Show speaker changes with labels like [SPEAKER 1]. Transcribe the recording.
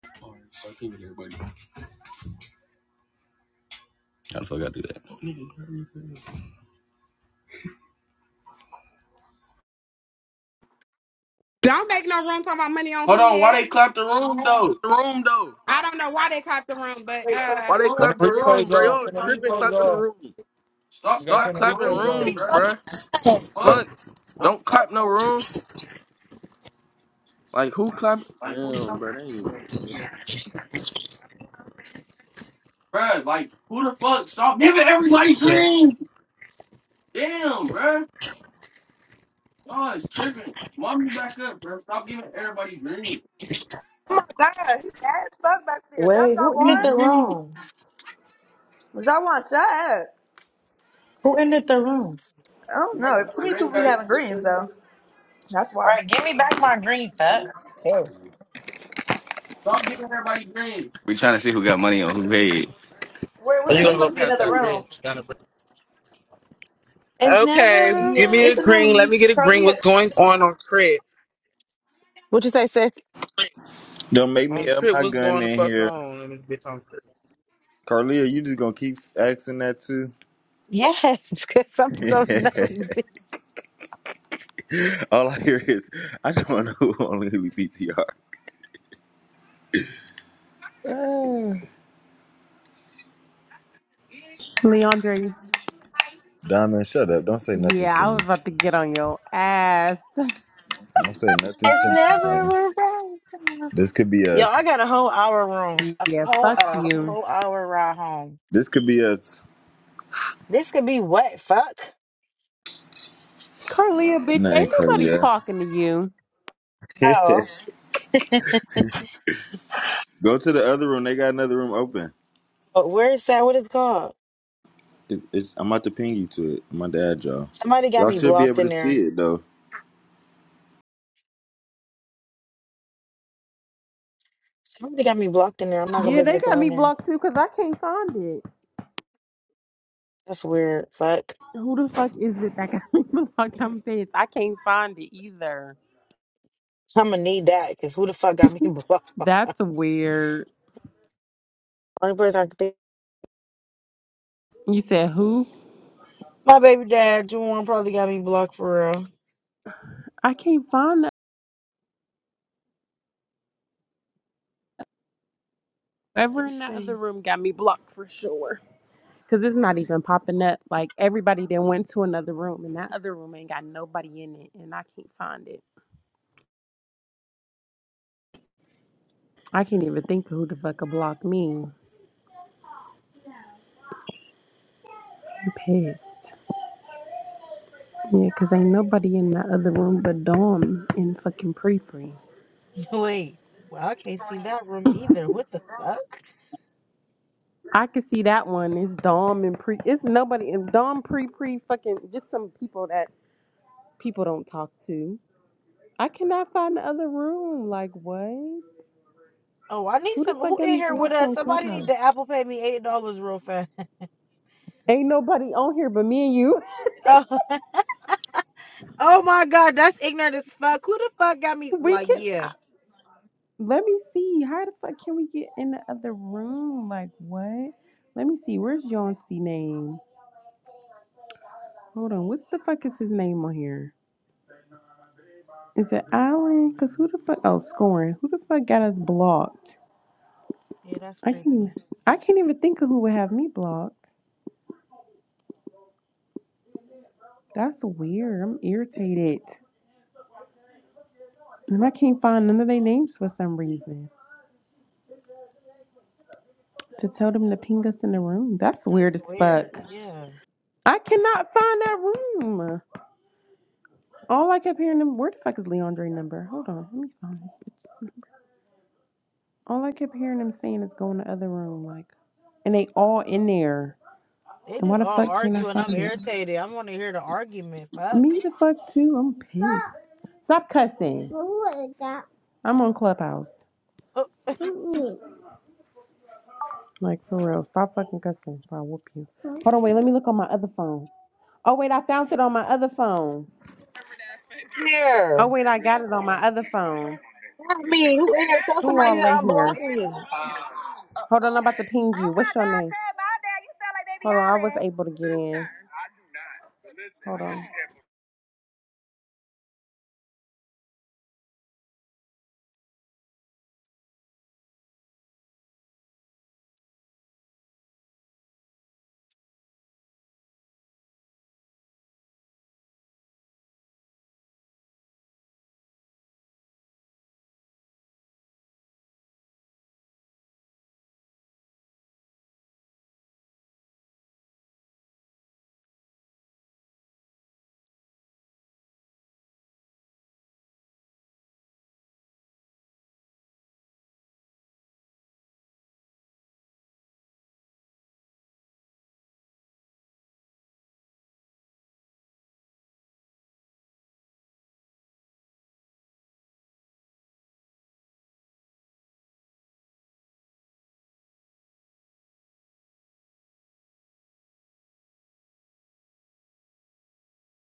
[SPEAKER 1] How the fuck I do that?
[SPEAKER 2] Don't make no room talking about money on
[SPEAKER 1] Hold
[SPEAKER 2] who
[SPEAKER 1] on, why
[SPEAKER 2] head.
[SPEAKER 1] they clap the room though?
[SPEAKER 3] the room though?
[SPEAKER 2] I don't know why they clapped the room, but
[SPEAKER 1] They clap
[SPEAKER 2] uh
[SPEAKER 3] Why
[SPEAKER 1] the
[SPEAKER 3] they
[SPEAKER 4] Turn
[SPEAKER 1] room,
[SPEAKER 4] the
[SPEAKER 3] clap the
[SPEAKER 1] bro. Y'all
[SPEAKER 3] room,
[SPEAKER 4] replays
[SPEAKER 3] bro?
[SPEAKER 4] off.
[SPEAKER 3] Y'all
[SPEAKER 1] sleeping
[SPEAKER 4] Turn the
[SPEAKER 1] clapping the
[SPEAKER 3] tripping
[SPEAKER 4] replays
[SPEAKER 1] room.
[SPEAKER 3] clapping the
[SPEAKER 4] off.
[SPEAKER 3] room.
[SPEAKER 4] We
[SPEAKER 1] Stop
[SPEAKER 4] gotta
[SPEAKER 3] Stop
[SPEAKER 4] turn the
[SPEAKER 1] clapping the
[SPEAKER 3] clapping
[SPEAKER 4] replays
[SPEAKER 1] room,
[SPEAKER 4] off.
[SPEAKER 3] rooms,
[SPEAKER 1] bro.
[SPEAKER 3] bro.
[SPEAKER 1] What?
[SPEAKER 3] Fuck.
[SPEAKER 1] Don't
[SPEAKER 3] Don't
[SPEAKER 1] clap
[SPEAKER 3] clap no
[SPEAKER 1] the room.
[SPEAKER 3] room. Like who clap?
[SPEAKER 1] Like who
[SPEAKER 3] Damn, bro.
[SPEAKER 1] talking?
[SPEAKER 3] They ain't.
[SPEAKER 1] Bruh, like who the fuck? Stop giving everybody
[SPEAKER 5] Yeah.
[SPEAKER 1] green. Damn, bruh. Oh, it's tripping. Mom, you back up, bro. Stop giving everybody green.
[SPEAKER 6] God, he bad as fuck back there. That's
[SPEAKER 7] Wait,
[SPEAKER 6] that
[SPEAKER 7] who
[SPEAKER 1] Give me
[SPEAKER 7] ended
[SPEAKER 6] one?
[SPEAKER 7] the
[SPEAKER 1] green.
[SPEAKER 7] room?
[SPEAKER 6] Was that one? Shut up.
[SPEAKER 7] Who ended the room?
[SPEAKER 6] I don't
[SPEAKER 1] Am I getting
[SPEAKER 6] know. Too
[SPEAKER 1] my
[SPEAKER 6] many
[SPEAKER 1] green
[SPEAKER 6] people be
[SPEAKER 1] back,
[SPEAKER 6] having dreams
[SPEAKER 1] sister?
[SPEAKER 6] though. That's why.
[SPEAKER 7] Right, give me back my green fat. Ew.
[SPEAKER 1] Stop giving everybody green. We trying to see who got money on who paid.
[SPEAKER 6] Where? What,
[SPEAKER 5] Are you
[SPEAKER 6] it
[SPEAKER 5] gonna go
[SPEAKER 6] must be
[SPEAKER 5] past
[SPEAKER 6] another
[SPEAKER 5] that
[SPEAKER 6] room.
[SPEAKER 5] bridge? Down the bridge.
[SPEAKER 7] It's never
[SPEAKER 5] Okay,
[SPEAKER 7] a
[SPEAKER 6] Yeah,
[SPEAKER 5] give me
[SPEAKER 7] right
[SPEAKER 5] a
[SPEAKER 6] it's a new.
[SPEAKER 5] green. Let
[SPEAKER 7] time.
[SPEAKER 5] me get a green.
[SPEAKER 6] Carlia,
[SPEAKER 5] What's going on on Crit?
[SPEAKER 7] What you say, sis?
[SPEAKER 8] Don't make me
[SPEAKER 5] On
[SPEAKER 8] up
[SPEAKER 5] Crit,
[SPEAKER 8] my
[SPEAKER 5] what's
[SPEAKER 8] gun
[SPEAKER 5] going the
[SPEAKER 8] in
[SPEAKER 5] fuck
[SPEAKER 8] here.
[SPEAKER 5] on? Let me bitch on Crit.
[SPEAKER 8] Carlia, you just gonna keep asking that too?
[SPEAKER 7] Yes, because I'm so nosy.
[SPEAKER 8] All I hear is, I don't know who only Lee PTR. Ah.
[SPEAKER 9] Leandre,
[SPEAKER 8] Diamond, shut up. Don't say nothing
[SPEAKER 9] Yeah,
[SPEAKER 8] to
[SPEAKER 9] I
[SPEAKER 8] me.
[SPEAKER 9] was about to get on your ass.
[SPEAKER 8] Don't say nothing
[SPEAKER 7] It's
[SPEAKER 8] to me,
[SPEAKER 7] never
[SPEAKER 8] man.
[SPEAKER 7] a right time.
[SPEAKER 8] This could be
[SPEAKER 7] Yo,
[SPEAKER 8] us.
[SPEAKER 7] I got a whole hour room, a
[SPEAKER 9] Yeah,
[SPEAKER 7] whole
[SPEAKER 9] fuck
[SPEAKER 7] a
[SPEAKER 9] you.
[SPEAKER 7] whole hour ride home.
[SPEAKER 8] This could be us.
[SPEAKER 7] This could be what, fuck.
[SPEAKER 9] Carlia, bitch, ain't
[SPEAKER 8] Nothing,
[SPEAKER 9] nobody
[SPEAKER 8] Carlia.
[SPEAKER 9] talking to you.
[SPEAKER 7] Oh,
[SPEAKER 8] Go to the other room. They got another room open.
[SPEAKER 7] but where is that? What is it called?
[SPEAKER 8] It, it's, I'm about to ping you to it. I'm about to add y'all.
[SPEAKER 7] Somebody got
[SPEAKER 8] Y'all
[SPEAKER 7] me
[SPEAKER 8] should be
[SPEAKER 7] blocked
[SPEAKER 8] able to
[SPEAKER 7] in
[SPEAKER 8] see
[SPEAKER 7] there.
[SPEAKER 8] it, though.
[SPEAKER 7] Somebody got me blocked in there. I'm not gonna be
[SPEAKER 9] Yeah,
[SPEAKER 7] able
[SPEAKER 9] they
[SPEAKER 7] to
[SPEAKER 9] got
[SPEAKER 7] go in
[SPEAKER 9] me
[SPEAKER 7] there.
[SPEAKER 9] blocked too because I can't find it.
[SPEAKER 7] That's weird. Fuck.
[SPEAKER 9] Who the fuck is it that got me blocked? I'm pissed. I can't find it either.
[SPEAKER 7] I'm gonna need that because who the fuck got me blocked?
[SPEAKER 9] That's weird.
[SPEAKER 7] Only person I can think.
[SPEAKER 9] You said who?
[SPEAKER 7] My baby dad, Juwan, probably got me blocked for real.
[SPEAKER 9] I can't find that. Whoever
[SPEAKER 7] Let's
[SPEAKER 9] in that other
[SPEAKER 7] see.
[SPEAKER 9] room got me blocked for sure. Because it's not even popping up. Like, everybody then went to another room, and that other room ain't got nobody in it, and I can't find it. I can't even think of who the fuck a block me. I'm pissed. Yeah, 'cause ain't nobody in that other room but Dom and fucking Pre Pre.
[SPEAKER 7] Wait. Well, I can't see that room either. What the fuck?
[SPEAKER 9] I could see that one. It's Dom and Pre. It's nobody. It's Dom Pre Pre fucking just some people that people don't talk to. I cannot find the other room. Like what?
[SPEAKER 7] Oh, I need
[SPEAKER 9] Who the
[SPEAKER 7] some.
[SPEAKER 9] fuck
[SPEAKER 7] Who
[SPEAKER 9] got
[SPEAKER 7] in
[SPEAKER 9] me
[SPEAKER 7] here with
[SPEAKER 9] blocked
[SPEAKER 7] us?
[SPEAKER 9] on
[SPEAKER 7] Somebody need
[SPEAKER 9] Clubhouse?
[SPEAKER 7] to Apple Pay me eight dollars real fast.
[SPEAKER 9] Ain't nobody on here but me and you.
[SPEAKER 7] Oh, oh my God, that's ignorant as fuck. Who the fuck got me?
[SPEAKER 9] We
[SPEAKER 7] Like,
[SPEAKER 9] can.
[SPEAKER 7] yeah,
[SPEAKER 9] I- Let me see. How the fuck can we get in the other room? Like what? Let me see. Where's Yancey name? Hold on, what's the fuck is his name on here? Is it Allen? Cause who the fuck? Oh, scoring. Who the fuck got us blocked?
[SPEAKER 7] yeah, that's
[SPEAKER 9] I can't. Even,
[SPEAKER 7] creepy.
[SPEAKER 9] I can't even think of who would have me blocked. That's weird. I'm irritated, and I can't find none of their names for some reason. To tell them to ping us in the room. That's
[SPEAKER 7] That's
[SPEAKER 9] weird as fuck.
[SPEAKER 7] weird. Yeah,
[SPEAKER 9] I cannot find that room. All I kept hearing them. Where the fuck is Leandre's number? Hold on. Let me find this. All I kept hearing them saying is go in the other room, like, and they all in there.
[SPEAKER 7] they
[SPEAKER 9] And why
[SPEAKER 7] just
[SPEAKER 9] the
[SPEAKER 7] all
[SPEAKER 9] fuck can't I
[SPEAKER 7] argue and
[SPEAKER 9] find
[SPEAKER 7] I'm
[SPEAKER 9] it?
[SPEAKER 7] irritated. I want to hear the argument. Fuck.
[SPEAKER 9] Me the fuck too. I'm pissed. Stop cussing. I'm on Clubhouse.
[SPEAKER 7] Oh,
[SPEAKER 9] Like for real. Stop fucking cussing. Or I'll whoop you. Hold on, wait, let me look on my other phone. Oh wait, I found it on my other phone. Oh
[SPEAKER 7] There.
[SPEAKER 9] wait, I got it on my other phone.
[SPEAKER 7] Not me. Who in there? Tell
[SPEAKER 9] Who
[SPEAKER 7] somebody
[SPEAKER 9] all
[SPEAKER 7] to
[SPEAKER 9] in here?
[SPEAKER 7] unblock me.
[SPEAKER 9] Hold on, I'm about to ping you. What's your name? Hold on, I was able to get in. Hold on.